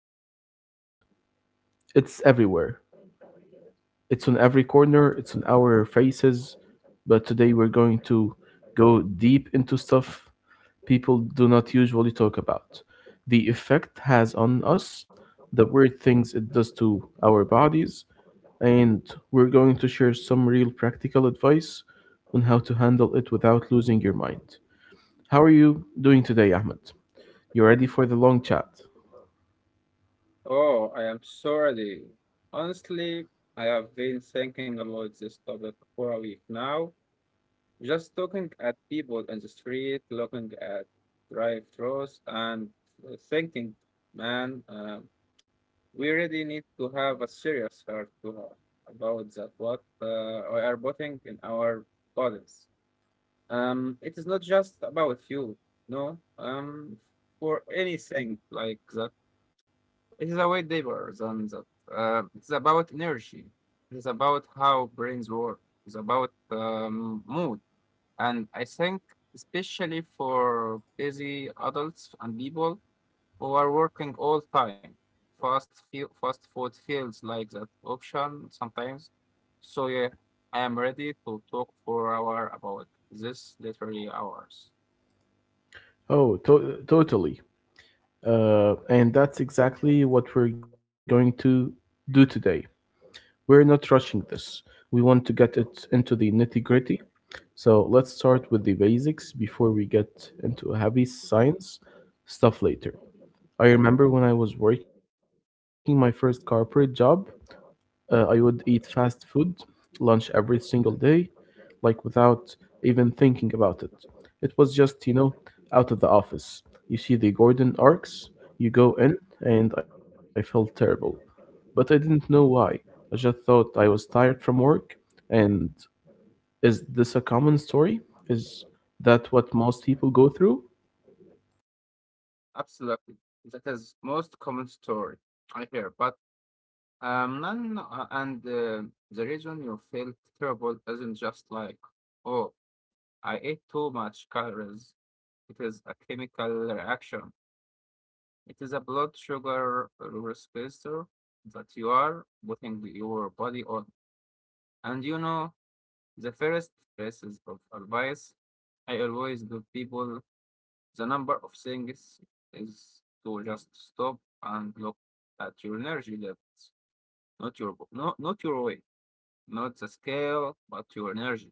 which is fast food. It's everywhere, it's on every corner, it's on our faces. But today we're going to go deep into stuff people do not usually talk about. The effect has on us, the weird things it does to our bodies, and we're going to share some real practical advice on how to handle it without losing your mind. How are you doing today, Ahmed? You ready for the long chat? Oh, I am so ready. Honestly, I have been thinking about this topic for a week now. Just looking at people in the street, looking at drive-thrus, and thinking, man, we really need to have a serious heart to heart about that what we are putting in our bodies. It is not just about you, no. For anything like that it is a way deeper than that. It's about energy. It's about how brains work. It's about mood. And I think, especially for busy adults and people who are working all time, fast food feels like that option sometimes. So yeah, I am ready to talk for hour about this literary hours. Totally. And that's exactly what we're going to do today. We're not rushing this. We want to get it into the nitty gritty. So let's start with the basics before we get into heavy science stuff later. I remember when I was working my first corporate job, I would eat fast food lunch every single day, like without even thinking about it. It was just, you know, out of the office. You see the Gordon arcs, you go in, and I felt terrible. But I didn't know why. I just thought I was tired from work, and is this a common story? Is that what most people go through? Absolutely, that is most common story I hear, but. None, and The reason you feel terrible isn't just like, oh, I ate too much calories. It is a chemical reaction. It is a blood sugar receptor that you are putting your body on. And you know, the first pieces of advice I always give people the number of things is to just stop and look at your energy levels, not your weight. Not the scale, but your energy.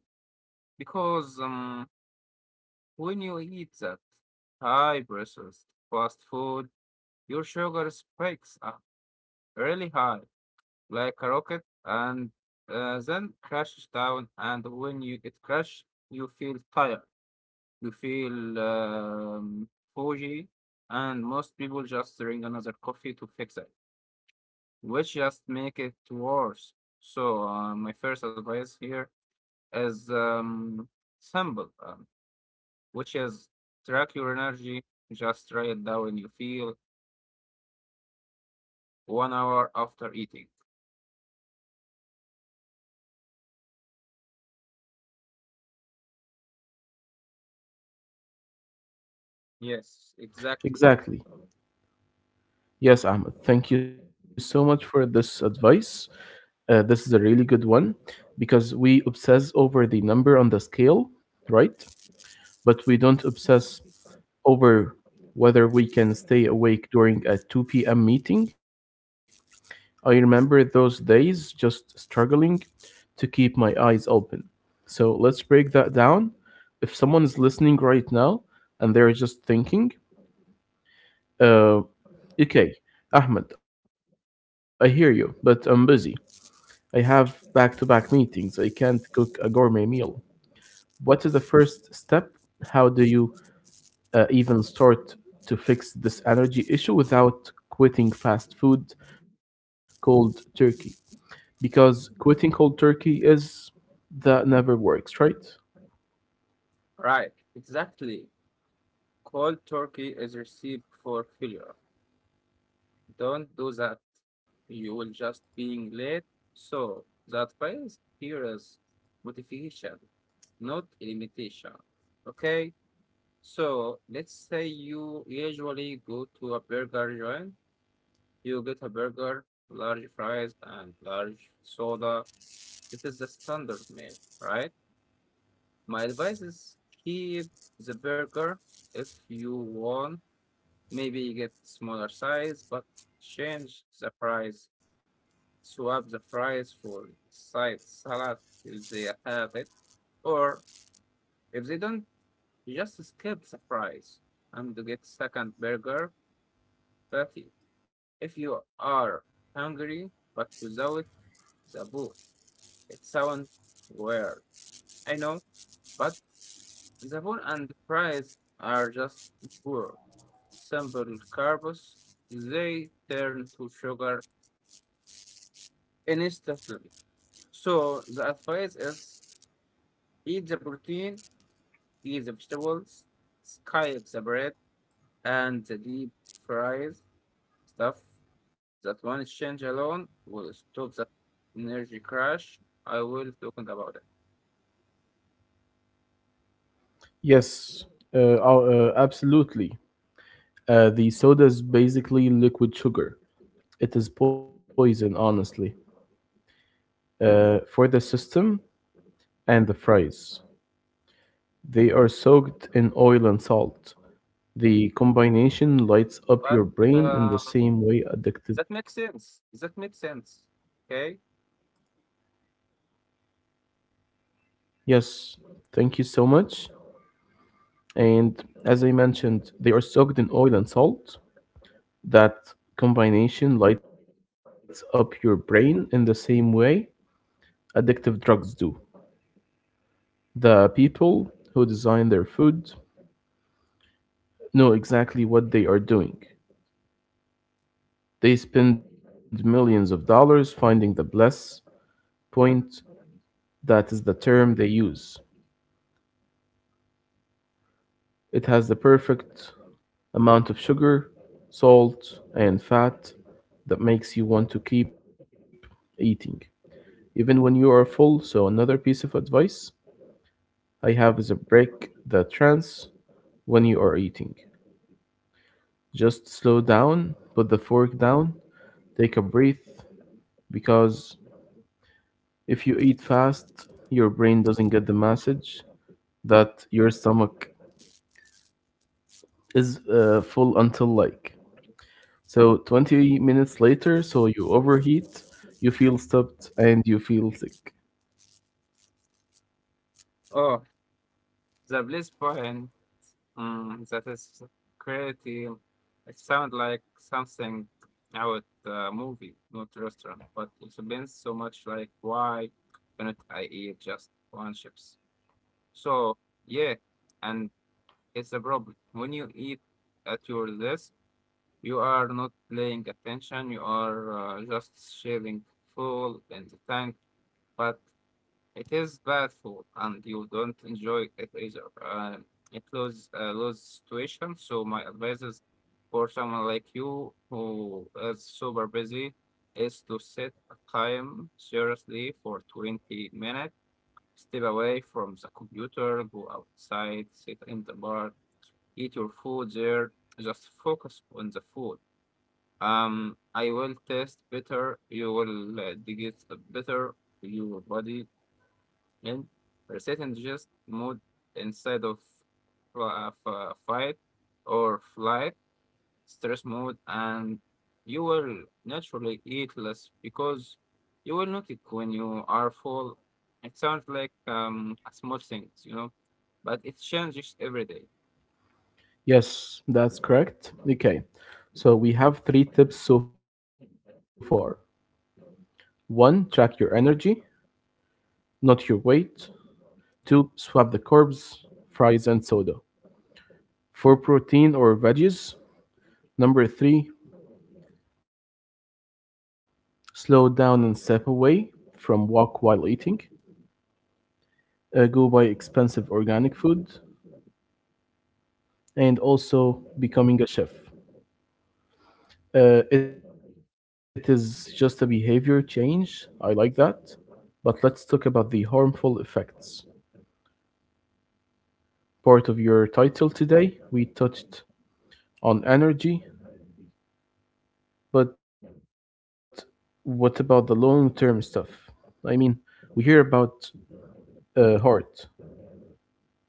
Because when you eat that high processed fast food, your sugar spikes up really high, like a rocket, and then crashes down. And when you it crashes, you feel tired, you feel foggy, and most people just drink another coffee to fix it, which just make it worse. So my first advice here as sample, which is track your energy, just write it down when you feel 1 hour after eating. Yes, exactly. Exactly. Yes, Ahmed. Thank you so much for this advice. This is a really good one because we obsess over the number on the scale, right? But we don't obsess over whether we can stay awake during a 2 p.m. meeting. I remember those days just struggling to keep my eyes open. So let's break that down. If someone is listening right now and they're just thinking, uh, okay, Ahmed, I hear you, but I'm busy. I have back to back meetings. I can't cook a gourmet meal. What is the first step? How do you even start to fix this energy issue without quitting fast food cold turkey? Because quitting cold turkey is that never works, right? Right, exactly. Cold turkey is a recipe for failure. Don't do that. You will just being late. So that advice here is motivation, not limitation. Okay, so let's say you usually go to a burger joint. You get a burger, large fries, and large soda. It is the standard meal, right? My advice is keep the burger if you want. Maybe get smaller size, but change the fries. Swap the fries for side salad if they have it, or if they don't, just skip the fries and get second burger patty. If you are hungry but without the book. It sounds weird, I know, but the bone and fries are just poor. Simple carbs, they turn to sugar instantly. So the advice is eat the protein, eat the vegetables, skip the bread, and the deep fries stuff. That one change alone will stop that energy crash. I will talking about it, Yes, absolutely. The soda is basically liquid sugar. It is poison, honestly, for the system and the fries. They are soaked in oil and salt. The combination lights up but. your brain in the Um, same way addictive. That makes sense. That makes sense. Okay. Yes, thank you so much. And as I mentioned, they are soaked in oil and salt. That combination lights up your brain in the same way addictive drugs do. The people who design their food know exactly what they are doing. They spend millions of dollars finding the bliss point, that is the term they use. It has the perfect amount of sugar, salt, and fat that makes you want to keep eating, even when you are full. So, another piece of advice I have is a break the trance when you are eating. Just slow down, put the fork down, take a breath, because if you eat fast, your brain doesn't get the message that your stomach is full until like so 20 minutes later, so you overheat, you feel stuffed, and you feel sick. Oh, the bliss point. Mm, that is creative. It sounds like something out a movie, not restaurant, but it explains so much like why cannot I eat just one chips? So yeah, and it's a problem. When you eat at your desk, you are not paying attention. You are just shaving full in the tank, but it is bad food, and you don't enjoy it either. It lose a lose situation. So my advice is for someone like you who is super busy is to set a time seriously for 20 minutes. Step away from the computer, go outside, sit in the bar, eat your food there. Just focus on the food. I will taste better. You will digest better your body and resetting just mode inside of fight or flight stress mode and you will naturally eat less because you will not eat when you are full. It sounds like a small thing, you know, but it changes every day. Yes, that's correct. Okay, so we have three tips so far. One, track your energy, not your weight. Two, swap the carbs, fries, and soda for protein or veggies. Number three, slow down and step away from walk while eating, go buy expensive organic food, and also becoming a chef. It is just a behavior change. I like that. But let's talk about the harmful effects. Part of your title today, we touched on energy, but what about the long term stuff? I mean, we hear about heart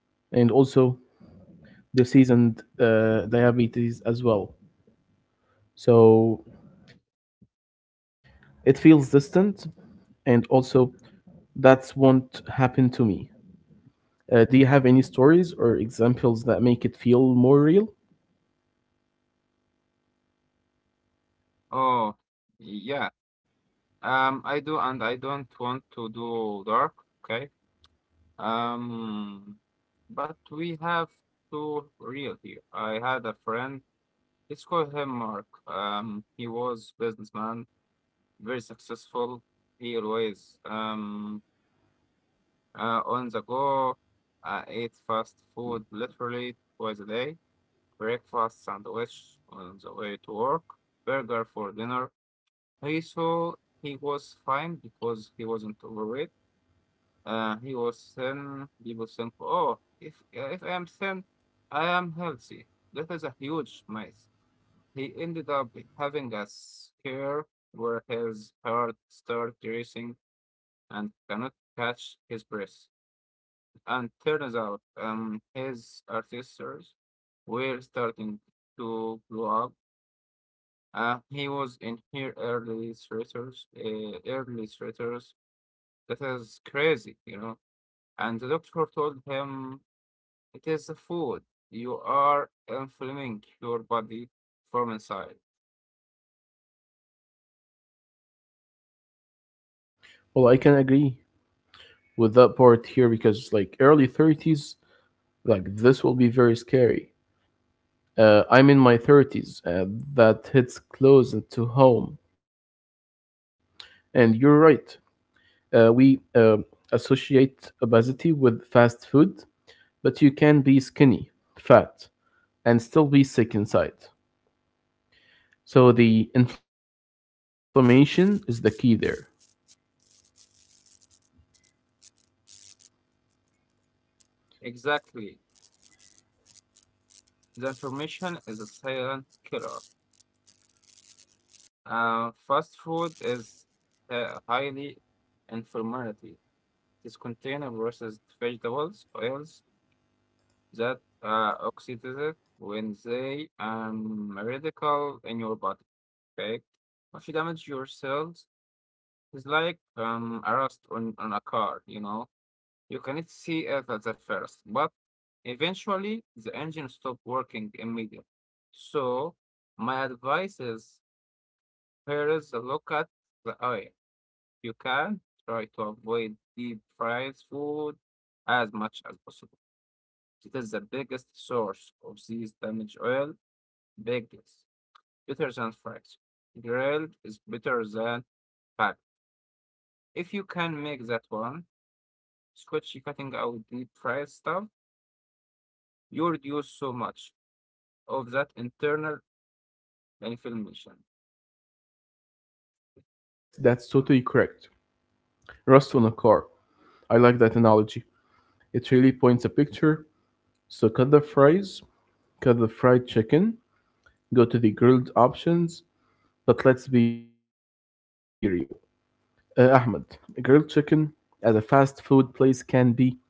and also disease and diabetes as well. So it feels distant, and also that's won't happen to me. Do you have any stories or examples that make it feel more real? Oh, yeah. I do, and I don't want to do dark. Okay. Um, but we have to real here. I had a friend. Let's call him Mark. He was businessman, very successful. He always on the go. I ate fast food literally twice a day. Breakfast sandwich on the way to work. Burger for dinner. He saw he was fine because he wasn't overweight. He was thin. He was thin. Oh, if I am thin, I am healthy. That is a huge myth. He ended up having a scare where his heart started racing and cannot catch his breath. And turns out, his arteries were starting to blow up. He was in here early stressors, early stressors. That is crazy, you know. And the doctor told him it is the food. You are inflaming your body from inside. Well, I can agree with that part here because, like, early 30s, like, this will be very scary. I'm in my 30s, that hits close to home. And you're right. We associate obesity with fast food, but you can be skinny, fat, and still be sick inside. So the inflammation is the key there. Exactly. The information is a silent killer. Fast food is highly inflammatory. It contains processed vegetables, oils that oxidize when they radical in your body. Okay, if you damage your cells, it's like a rust on a car. You know, you cannot see it at the first, but eventually the engine stopped working immediately. So my advice is here is a look at the oil. You can try to avoid deep fried food as much as possible. It is the biggest source of these damaged oil. Bagels, better than fried. Grilled is better than packed. If you can make that one, scotch cutting out deep fried stuff, you reduce so much of that internal inflammation. Yes, that's totally correct. Rust on a car. I like that analogy. It really points a picture. So cut the fries, cut the fried chicken, go to the grilled options, but let's be real. Ahmed, grilled chicken at a fast food place can be dry,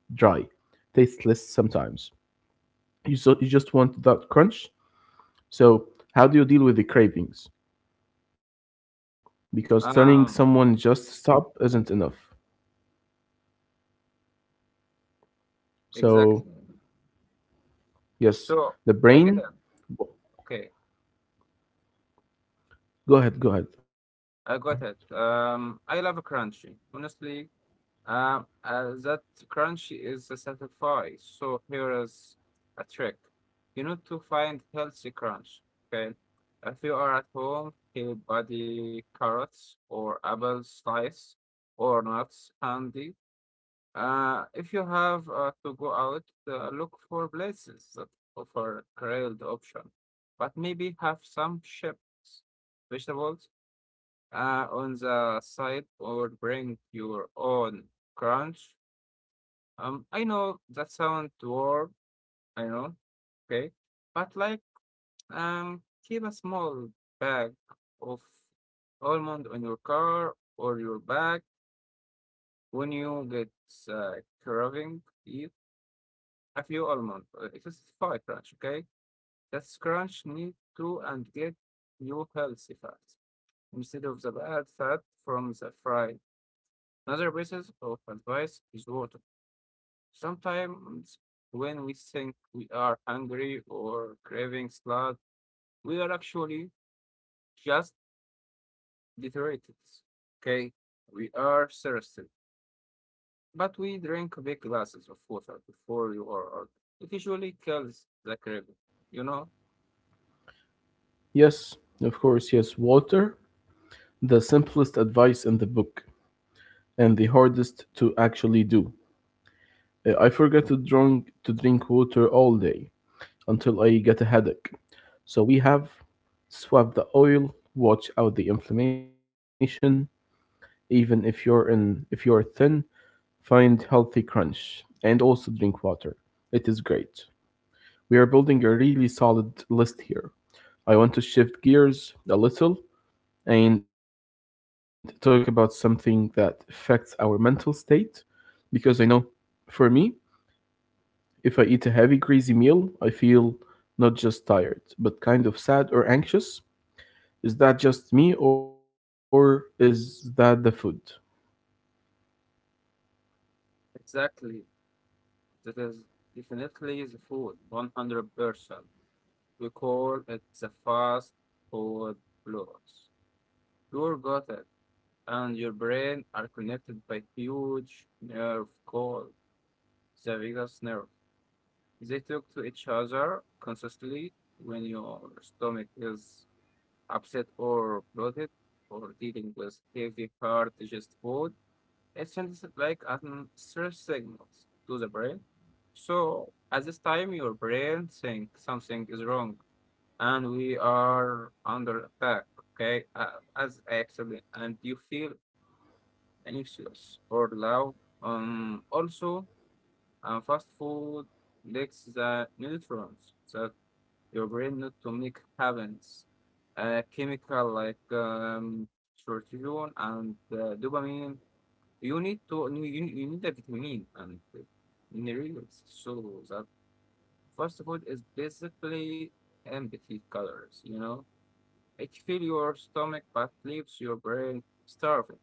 tasteless sometimes. You, so, you just want that crunch. So, how do you deal with the cravings? Because telling Um, someone just stop isn't enough. exactly. So, So yes, I the get it. brain. Okay, Go ahead, go ahead, I Ahmed. got it. I love crunchy. Honestly, that crunchy is a satisfy. So here is a trick. You need to find healthy crunch. Okay, if you are at home, peel body carrots or apple slice or nuts handy. If you have to go out, look for places that offer grilled option, but maybe have some chips, vegetables on the side, or bring your own crunch. I know that sounds weird, I know, okay, but like keep a small bag of almond on your car or your bag when you get uh, craving it a few almond. It is five crunch, okay? That's crunch need to and get new healthy fat instead of the bad fat from the fry. Another basis of advice is water. Sometimes when we think we are hungry or craving salad, we are actually just dehydrated. Okay, we are thirsty, but we drink big glasses of water before you are out. It usually kills the craving, you know? Yes, of course, yes, Walter. The simplest advice in the book and the hardest to actually do. I forget to drink water all day until I get a headache. So we have swap the oil, watch out the inflammation. Even if you're thin, find healthy crunch and also drink water. It is great. We are building a really solid list here. I want to shift gears a little and talk about something that affects our mental state because I know for me, if I eat a heavy, greasy meal, I feel not just tired, but kind of sad or anxious. Is that just me or is that the food? Exactly. That is definitely the food, 100%. We call it the fast food blues. Your gut and your brain are connected by huge nerve called the vagus nerve. They talk to each other constantly when your stomach is upset or bloated or dealing with heavy, hard digested food. It sends like stress signals to the brain. So at this time, your brain thinks something is wrong and we are under attack, okay? As I explained, and you feel anxious or loud. Also, fast food lacks the nutrients that your brain need to make happens. Chemical like serotonin and dopamine you need to you need a vitamin and minerals. So that fast food is basically empty colors, you know? It fills your stomach but leaves your brain starving.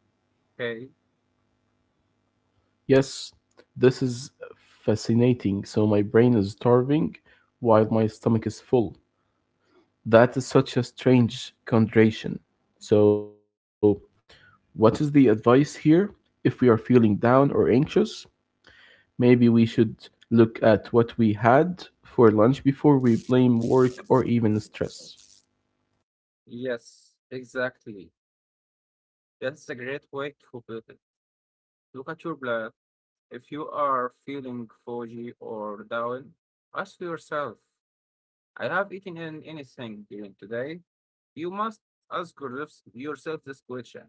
Okay? Yes, this is fascinating. So my brain is starving while my stomach is full. That is such a strange contradiction. So, what is the advice here? If we are feeling down or anxious, maybe we should look at what we had for lunch before we blame work or even stress. Yes, exactly. That's a great way to put it. Look at your blood. If you are feeling foggy or down, ask yourself I have eaten anything during today. You must ask yourself this question.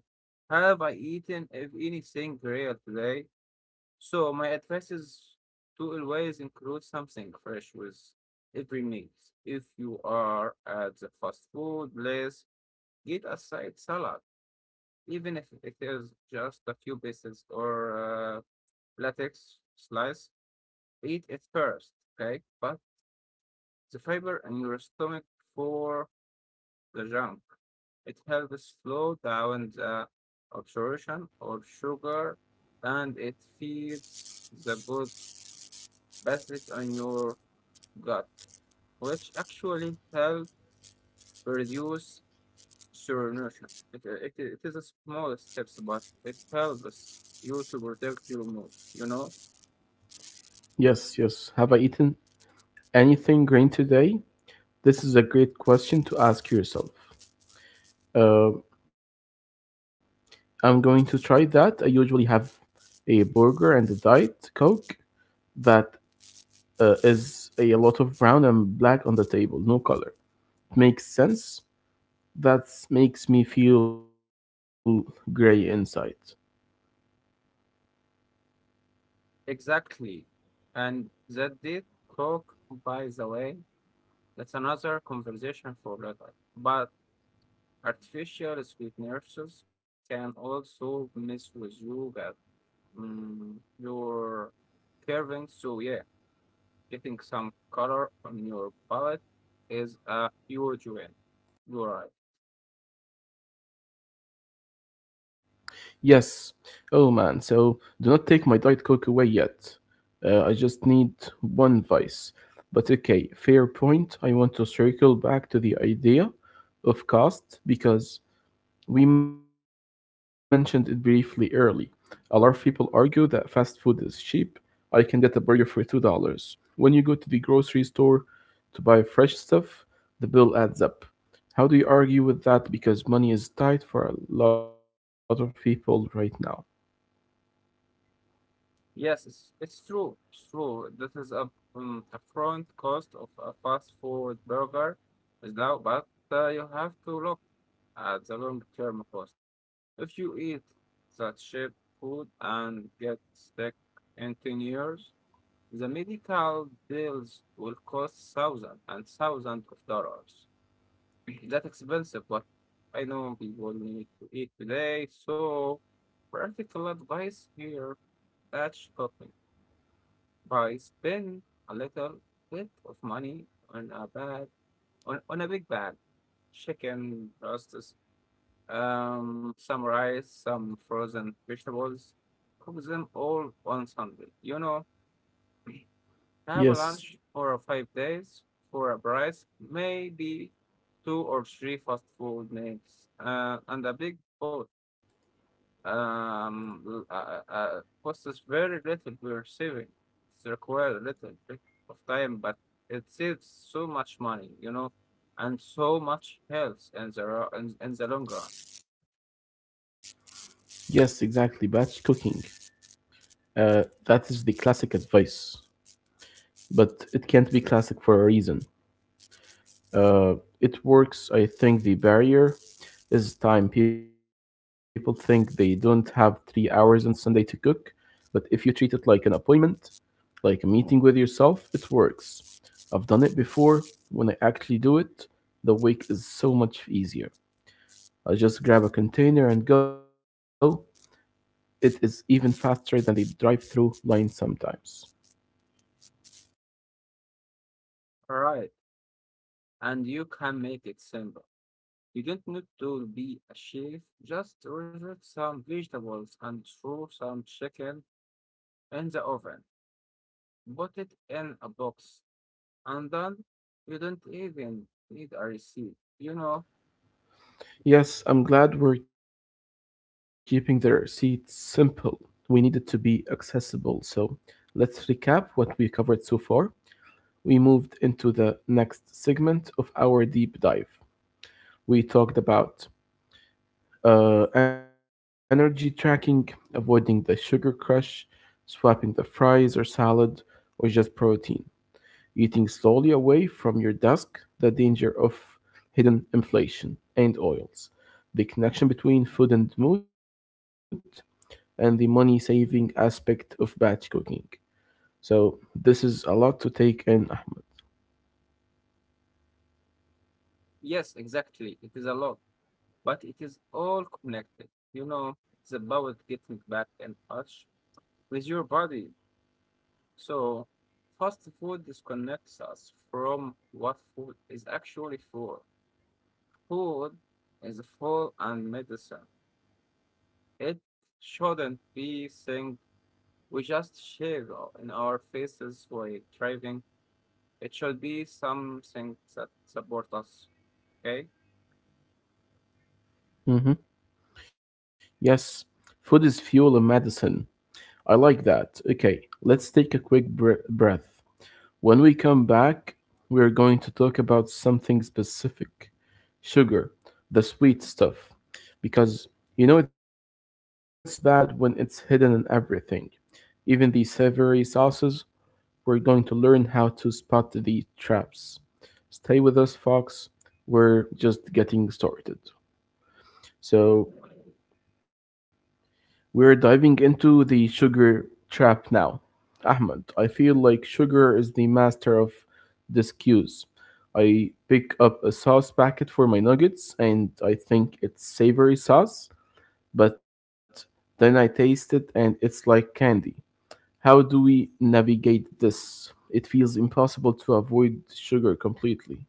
Have I eaten of anything real today? So my advice is to always include something fresh with every meal. If you are at the fast food place, get a side salad, even if it is just a few pieces or uh, latex slice. Eat it first, okay? But the fiber in your stomach for the junk. It helps slow down the absorption of sugar and it feeds the good acid in your gut, which actually help reduce malnutrition. It is a small steps, but it helps you to protect your mood, you know? Yes, yes. Have I eaten anything green today? This is a great question to ask yourself. Uh, I'm going to try that. I usually have a burger and a diet coke that is a lot of brown and black on the table, no color. Makes sense. That makes me feel gray inside. Exactly. And that did coke. By the way, that's another conversation for later. But artificial sweeteners can also mess with you that your curving. So yeah, getting some color on your palette is a huge win. You're right. Yes. Oh man. So do not take my diet coke away yet. I just need one vice. But okay, fair point. I want to circle back to the idea of caste because we mentioned it briefly early. A lot of people argue that fast food is cheap. I can get a burger for $2. When you go to the grocery store to buy fresh stuff, the bill adds up. How do you argue with that? Because money is tight for a lot of people right now. Yes, it's true. It's true. This is a front cost of a fast food burger is now, but you have to look at the long term cost. If you eat such cheap food and get sick in 10 years, the medical bills will cost thousands and thousands of dollars. That expensive, but I know people need to eat today, so practical advice here, batch cooking. By spend a little bit of money on a bag on a big bag. Chicken, roasts, some rice, some frozen vegetables. Cook them all on Sunday. You know, have a Yes, lunch for 5 days for a price, maybe two or three fast food meals, and a big boat. Costs us very little we're saving. It's required a little bit of time, but it saves so much money, and so much health in the in the long run. yes, exactly. Batch cooking. That is the classic advice, but it can't be classic for a reason. Uh, it works. I think the barrier is time. People think they don't have 3 hours on Sunday to cook, but if you treat it like an appointment, like a meeting with yourself, it works. I've done it before. When I actually do it, the week is so much easier. I just grab a container and go. It is even faster than the drive through line sometimes. All right, and you can make it simple. You don't need to be a chef, just roast some vegetables and throw some chicken in the oven. Put it in a box, and then you don't even need a receipt. Yes, I'm glad we're keeping the receipts simple. We need it to be accessible. So let's recap what we covered so far. We moved into the next segment of our deep dive. We talked about energy tracking, avoiding the sugar crush, swapping the fries or salad, or just protein, eating slowly away from your desk, the danger of hidden inflation and oils, the connection between food and mood, and the money saving aspect of batch cooking. So, this is a lot to take in, Yes, exactly. It is a lot, but it is all connected. You know, it's about getting back in touch with your body. So, fast food disconnects us from what food is actually for. Food is full and medicine. It shouldn't be thing we just share in our faces while driving. It should be something that support us. Okay? Ahmed. Hmm. Yes, food is fuel and medicine. I like that. Okay, let's take a quick breath. When we come back, we're going to talk about something specific, sugar, the sweet stuff. Because you know it's bad when it's hidden in everything. Even the savory sauces, we're going to learn how to spot the traps. Stay with us, folks. We're just getting started. So, we're diving into the sugar trap now. Ahmed, I feel like sugar is the master of discues. I pick up a sauce packet for my nuggets and I think it's savory sauce. But then I taste it and it's like candy. How do we navigate this? It feels impossible to avoid sugar completely.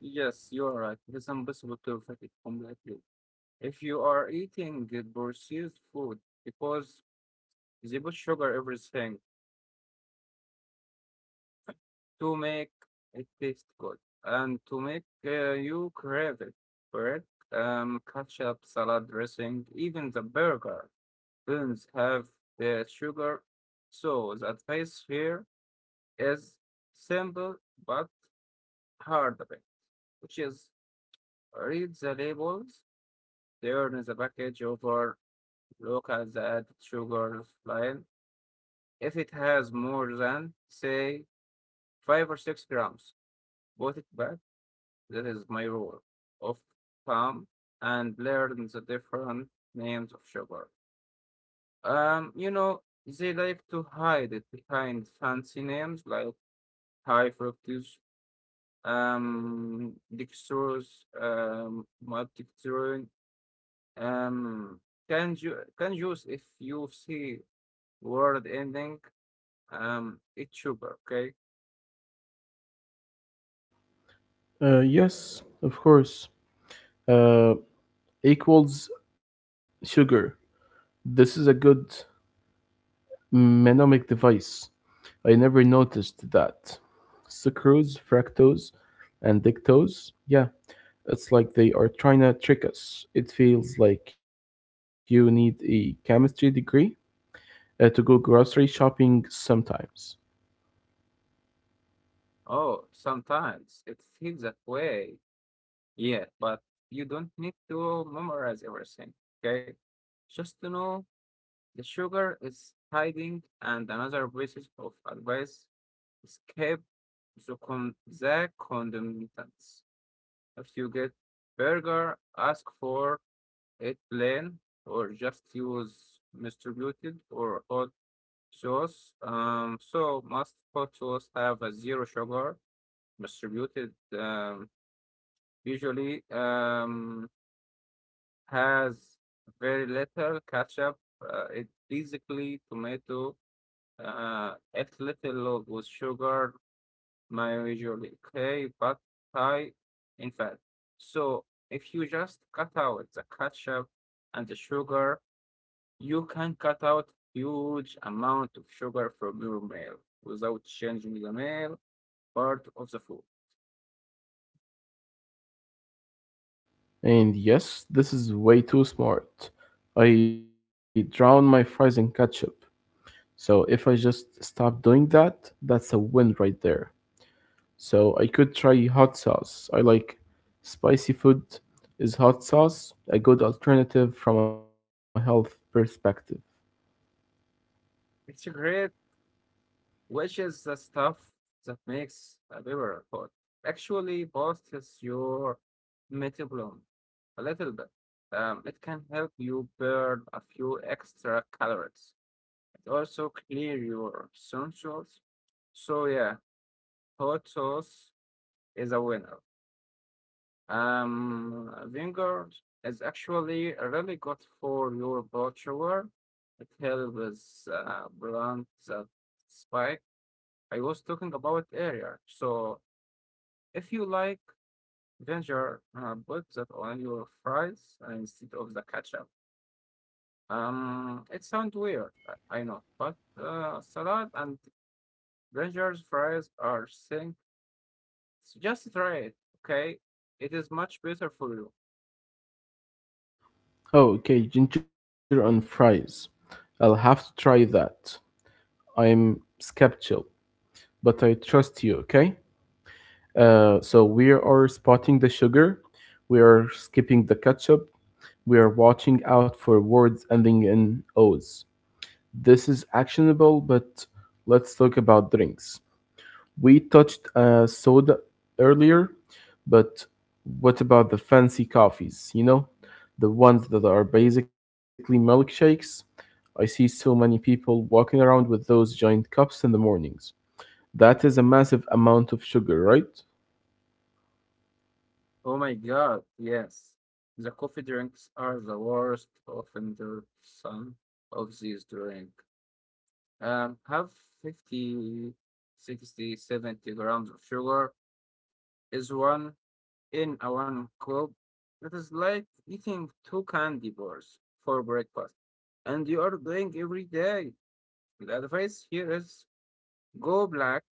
Yes, you are right. It is impossible to affect it completely. If you are eating the processed food because they put sugar everything to make it taste good and to make you crave it, bread, ketchup, salad dressing, even the burger beans have sugar, so the advice here is simple but hard a bit, which is read the labels, turn the package over, look at the added sugar line. If it has more than, say, 5 or 6 grams, put it back. That is my rule of thumb, and learn the different names of sugar. You know, they like to hide it behind fancy names like high fructose, dextrose, maltodextrin, um, can juice. If you see word ending, it's sugar, okay? Yes, of course. Uh, Equals sugar. This is a good mnemonic device. I never noticed that. Sucrose, fructose, and dictose. Yeah, it's like they are trying to trick us. It feels like you need a chemistry degree to go grocery shopping sometimes. Oh, sometimes it feels that way, yeah, but you don't need to memorize everything, okay? Just to know the sugar is hiding, and another basis of advice escape the, the condiments. If you get burger, ask for it plain or just use distributed or hot sauce. So must hot sauce have a zero sugar distributed, um, usually has very little ketchup. It basically tomato. It's little load with sugar mayo usually clay, but high in fat. So if you just cut out the ketchup and the sugar, you can cut out huge amount of sugar from your meal without changing the meal part of the food. And yes, this is way too smart. I drown my fries in ketchup. So if I just stop doing that, that's a win right there. So I could try hot sauce. I like spicy food. Is hot sauce a good alternative from a health perspective? It's great, which is the stuff that makes a beverage hot. Actually, boosts your metabolism a little bit. It can help you burn a few extra calories. It also clear your essentials. So yeah, hot sauce is a winner. Vinegar is actually really good for your blood. It helps blunt the spike I was talking about earlier. So if you like vinegar, put that on your fries instead of the ketchup. It sounds weird, I know, but salad and Rangers fries are sync. Just try it, okay? It is much better for you. Oh, okay, ginger on fries. I'll have to try that. I'm skeptical, but I trust you, okay? So we are spotting the sugar, we are skipping the ketchup, we are watching out for words ending in O's. This is actionable, but let's talk about drinks. We touched soda earlier, but what about the fancy coffees? The ones that are basically milkshakes. I see so many people walking around with those giant cups in the mornings. That is a massive amount of sugar, right? Oh my god, yes. The coffee drinks are the worst offender. Some of these drink have 50, 60, 70 grams of sugar is one in a one cup. That is like eating two candy bars for breakfast, and you are doing every day. The advice here is go black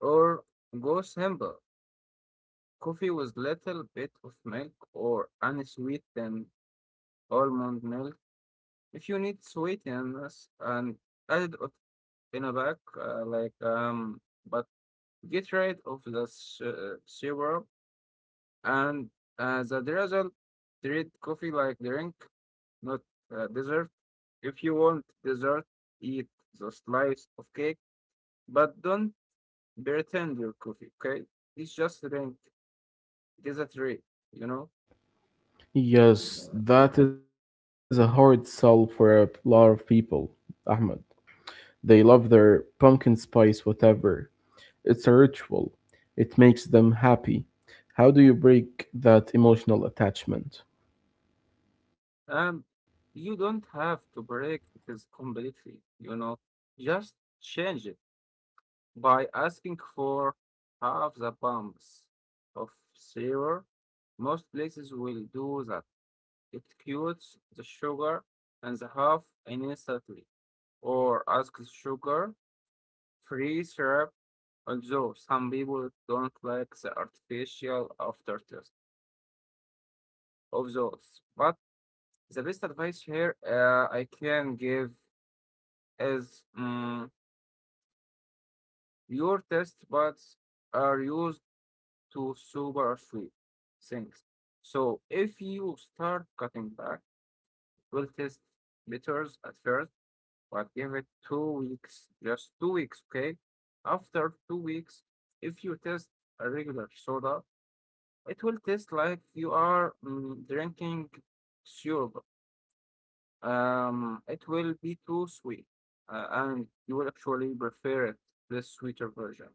or go simple. Coffee with little bit of milk or unsweetened almond milk. If you need sweetness and add it in a bag, like but get rid of the syrup, and as a result, treat coffee like drink, not dessert. If you want dessert, eat the slice of cake, but don't pretend your coffee. Okay, it's just a drink. It is a treat, you know. Yes, that is a hard sell for a lot of people, Ahmed. They love their pumpkin spice whatever. It's a ritual. It makes them happy. How do you break that emotional attachment? Um, you don't have to break this completely, you know, just change it by asking for half the pumps of syrup. Most places will do that. It cures the sugar and the half instantly, or ask the sugar free syrup. Although some people don't like the artificial aftertaste of those, but the best advice here I can give as your test buds are used to super sweet things. So if you start cutting back, it will taste bitters at first, but give it 2 weeks, just 2 weeks, okay? After 2 weeks, if you taste a regular soda, it will taste like you are drinking syrup. It will be too sweet, and you will actually prefer it, the sweeter version.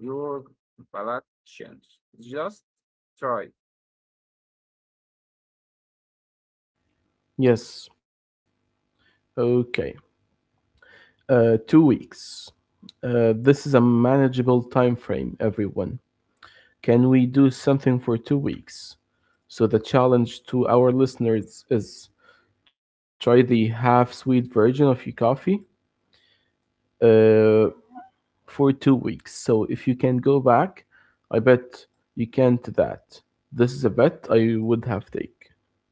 Your Palatians. Just try. Yes, okay. Two weeks. This is a manageable time frame, everyone. Can we do something for 2 weeks? So the challenge to our listeners is try the half sweet version of your coffee. Uh, for 2 weeks. So if you can go back, I bet you can't that. This is a bet I would have take.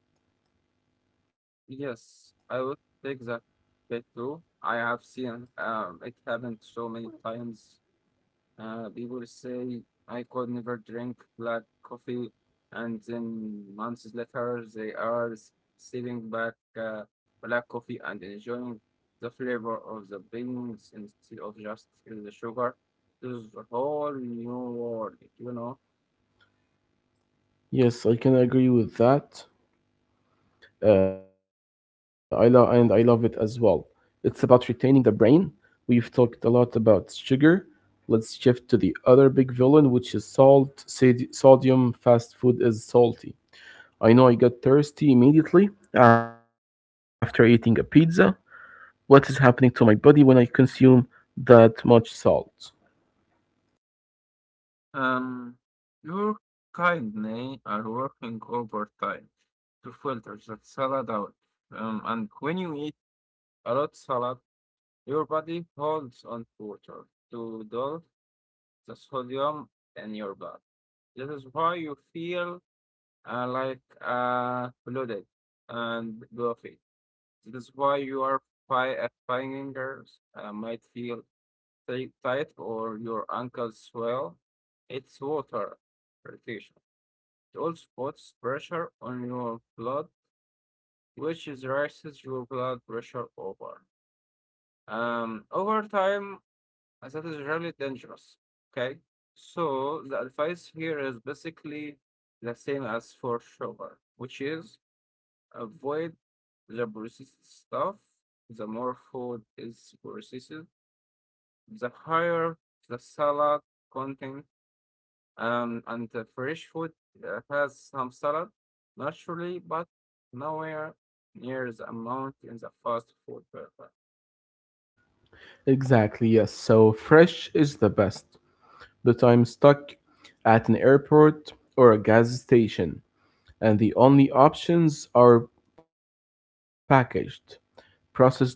Yes, I would take that bet too. I have seen it happened so many times. People say I could never drink black coffee, and then months later they are sipping back uh, black coffee and enjoying the flavor of the beans instead of just the sugar. This is a whole new world, you know. Yes, I can agree with that. I love and I love it as well. It's about retaining the brain. We've talked a lot about sugar. Let's shift to the other big villain, which is salt. Sodium fast food is salty. I know I got thirsty immediately after eating a pizza, what is happening to my body when I consume that much salt. Um, your kindly are working overtime to filter that salad out. And when you eat a lot salad, your body holds on to water to dull the sodium in your blood. This is why you feel like bloated and fluffy. This is why your fingers might feel tight or your ankles swell. It's water irritation. It also puts pressure on your blood, which is raises your blood pressure over. Over time, as that is really dangerous. Okay, so the advice here is basically the same as for sugar, which is avoid the processed stuff. The more food is processed, the higher the salad content. And the fresh food has some salad naturally, but nowhere near the amount in the fast food burger. Exactly, yes. So fresh is the best. But I'm stuck at an airport or a gas station, and the only options are packaged. Processed food.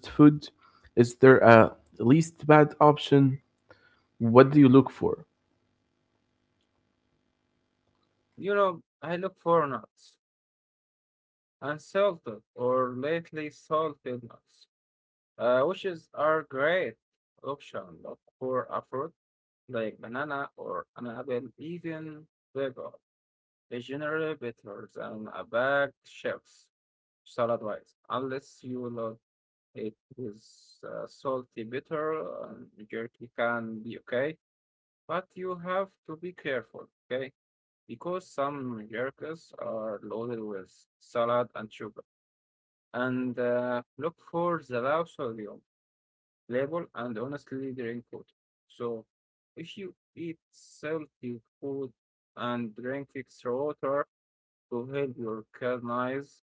Is there a least bad option? What do you look for? You know, I look for nuts, unsalted or lightly salted nuts, which is are great option, but for a fruit like banana or an apple, even bagel, is generally better than a bag shelves salad wise, unless you love it. Is salty, bitter, and jerky can be okay, but you have to be careful, okay? Because some jerkies are loaded with salad and sugar. And look for the low sodium label and honestly drink it. So if you eat salty food and drink extra water to help your kidneys,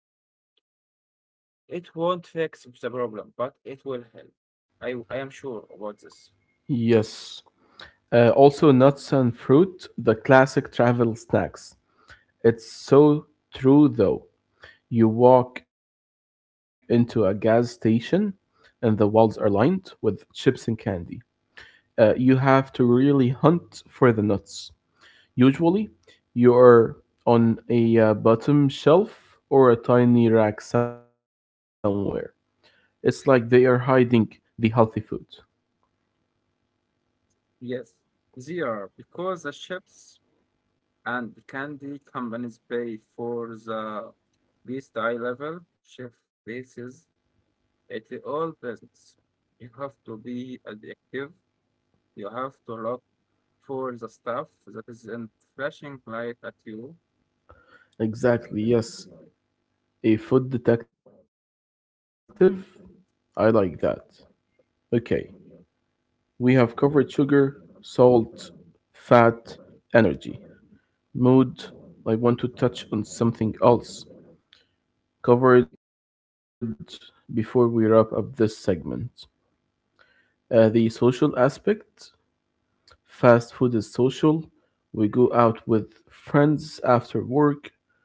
it won't fix the problem, but it will help. I am sure about this. Yes. Also, nuts and fruit, the classic travel snacks. It's so true, though. You walk into a gas station and the walls are lined with chips and candy. You have to really hunt for the nuts. Usually, you're on a bottom shelf or a tiny rack somewhere. It's like they are hiding the healthy food. Yes, they are because the ships and the candy companies pay for the least eye level chef bases at all business. You have to be addictive. You have to look for the stuff that isn't flashing light at you. Exactly, yes. A food detective? I like that. Okay, we have covered sugar, salt, fat, energy. Mood. I want to touch on something else covered before we wrap up this segment. The social aspect. Fast food is social. We go out with friends after work.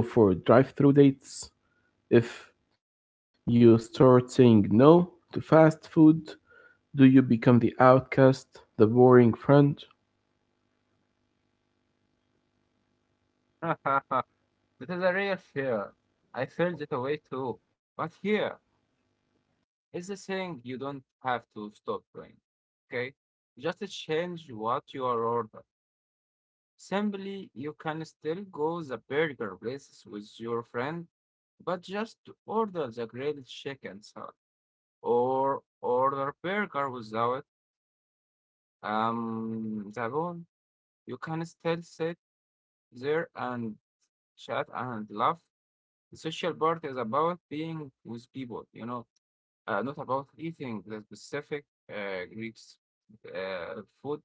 We go for drive through dates. If you start saying no to fast food, do you become the outcast, the boring friend? That is a real fear. I felt it away too. But here, it's the saying you don't have to stop praying. Okay? Just change what you are ordered. Simply, you can still go the burger places with your friend, but just order the grilled chicken salad or order burger without the bone. You can still sit there and chat and laugh. The social part is about being with people, you know, not about eating the specific uh, Greek s- food.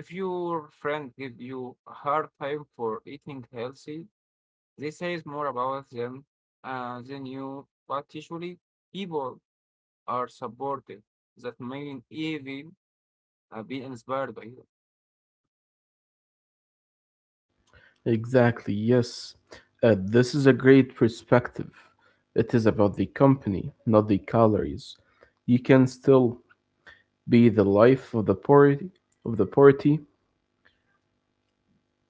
If your friend give you a hard time for eating healthy, they say more about them than you. But usually, people are supportive. That may even be inspired by you. Exactly, yes. This is a great perspective. It is about the company, not the calories. You can still be the life of the party, of the party,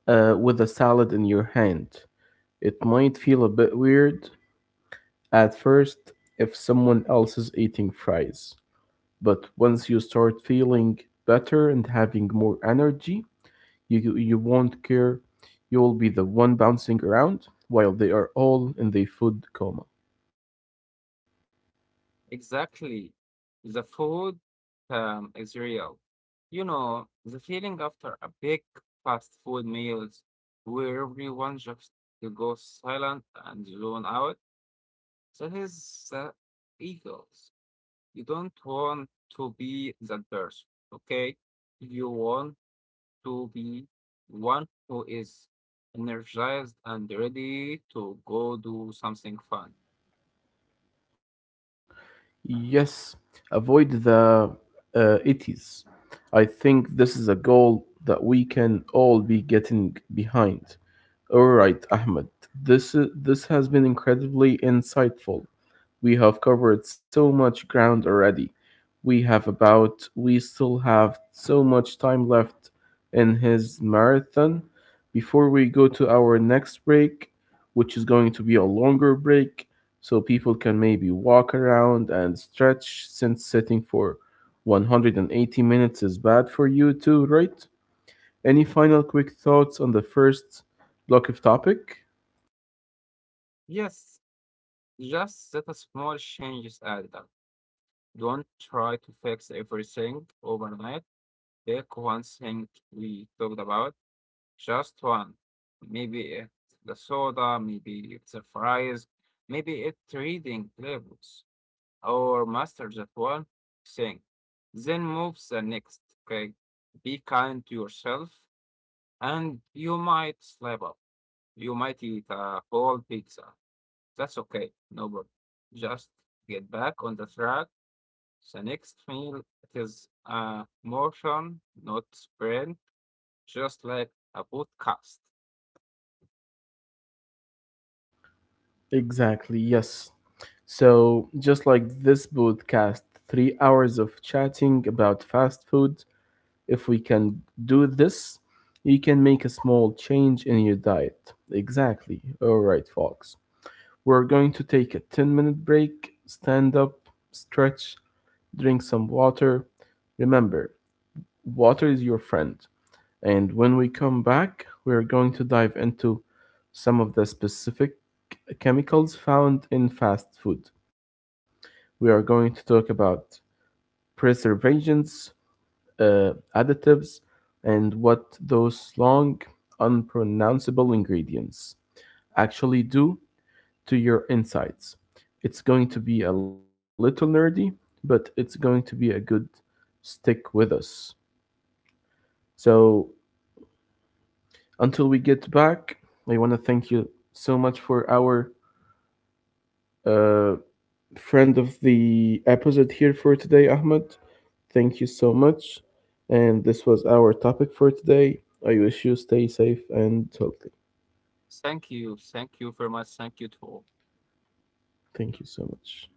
with a salad in your hand. It might feel a bit weird at first if someone else is eating fries, but once you start feeling better and having more energy, you won't care. You'll be the one bouncing around while they are all in the food coma. Exactly. The food is real. You know, the feeling after a big fast food meals where everyone just to go silent and zone out, that is the eagles. You don't want to be that person, okay? You want to be one who is energized and ready to go do something fun. Yes, avoid the itis. I think this is a goal that we can all be getting behind. All right, Ahmed. This has been incredibly insightful. We have covered so much ground already. We still have so much time left in his marathon before we go to our next break, which is going to be a longer break so people can maybe walk around and stretch since sitting for 180 minutes is bad for you too, right? Any final quick thoughts on the first block of topic? Yes, just that a small changes added. Don't try to fix everything overnight. Take one thing we talked about, just one. Maybe it's the soda, maybe it's the fries, maybe it's reading labels, or master that one thing. Then move the next, okay? Be kind to yourself, and you might slap up. You might eat a whole pizza. That's okay, no problem. Just get back on the track the next meal it is a motion, not sprint, just like a podcast. Exactly, yes. So, just like this podcast, 3 hours of chatting about fast food, if we can do this, you can make a small change in your diet. Exactly. All right, folks. We're going to take a 10-minute break, stand up, stretch, drink some water. Remember, water is your friend. And when we come back, we're going to dive into some of the specific chemicals found in fast food we are going to talk about preservations, additives, and what those long, unpronounceable ingredients actually do to your insides. It's going to be a little nerdy, but it's going to be a good stick with us. So until we get back, I want to thank you so much for our uh, friend of the episode here for today, Ahmed. Thank you so much. And this was our topic for today. I wish you stay safe and healthy. Thank you. Thank you very much. Thank you to all. Thank you so much.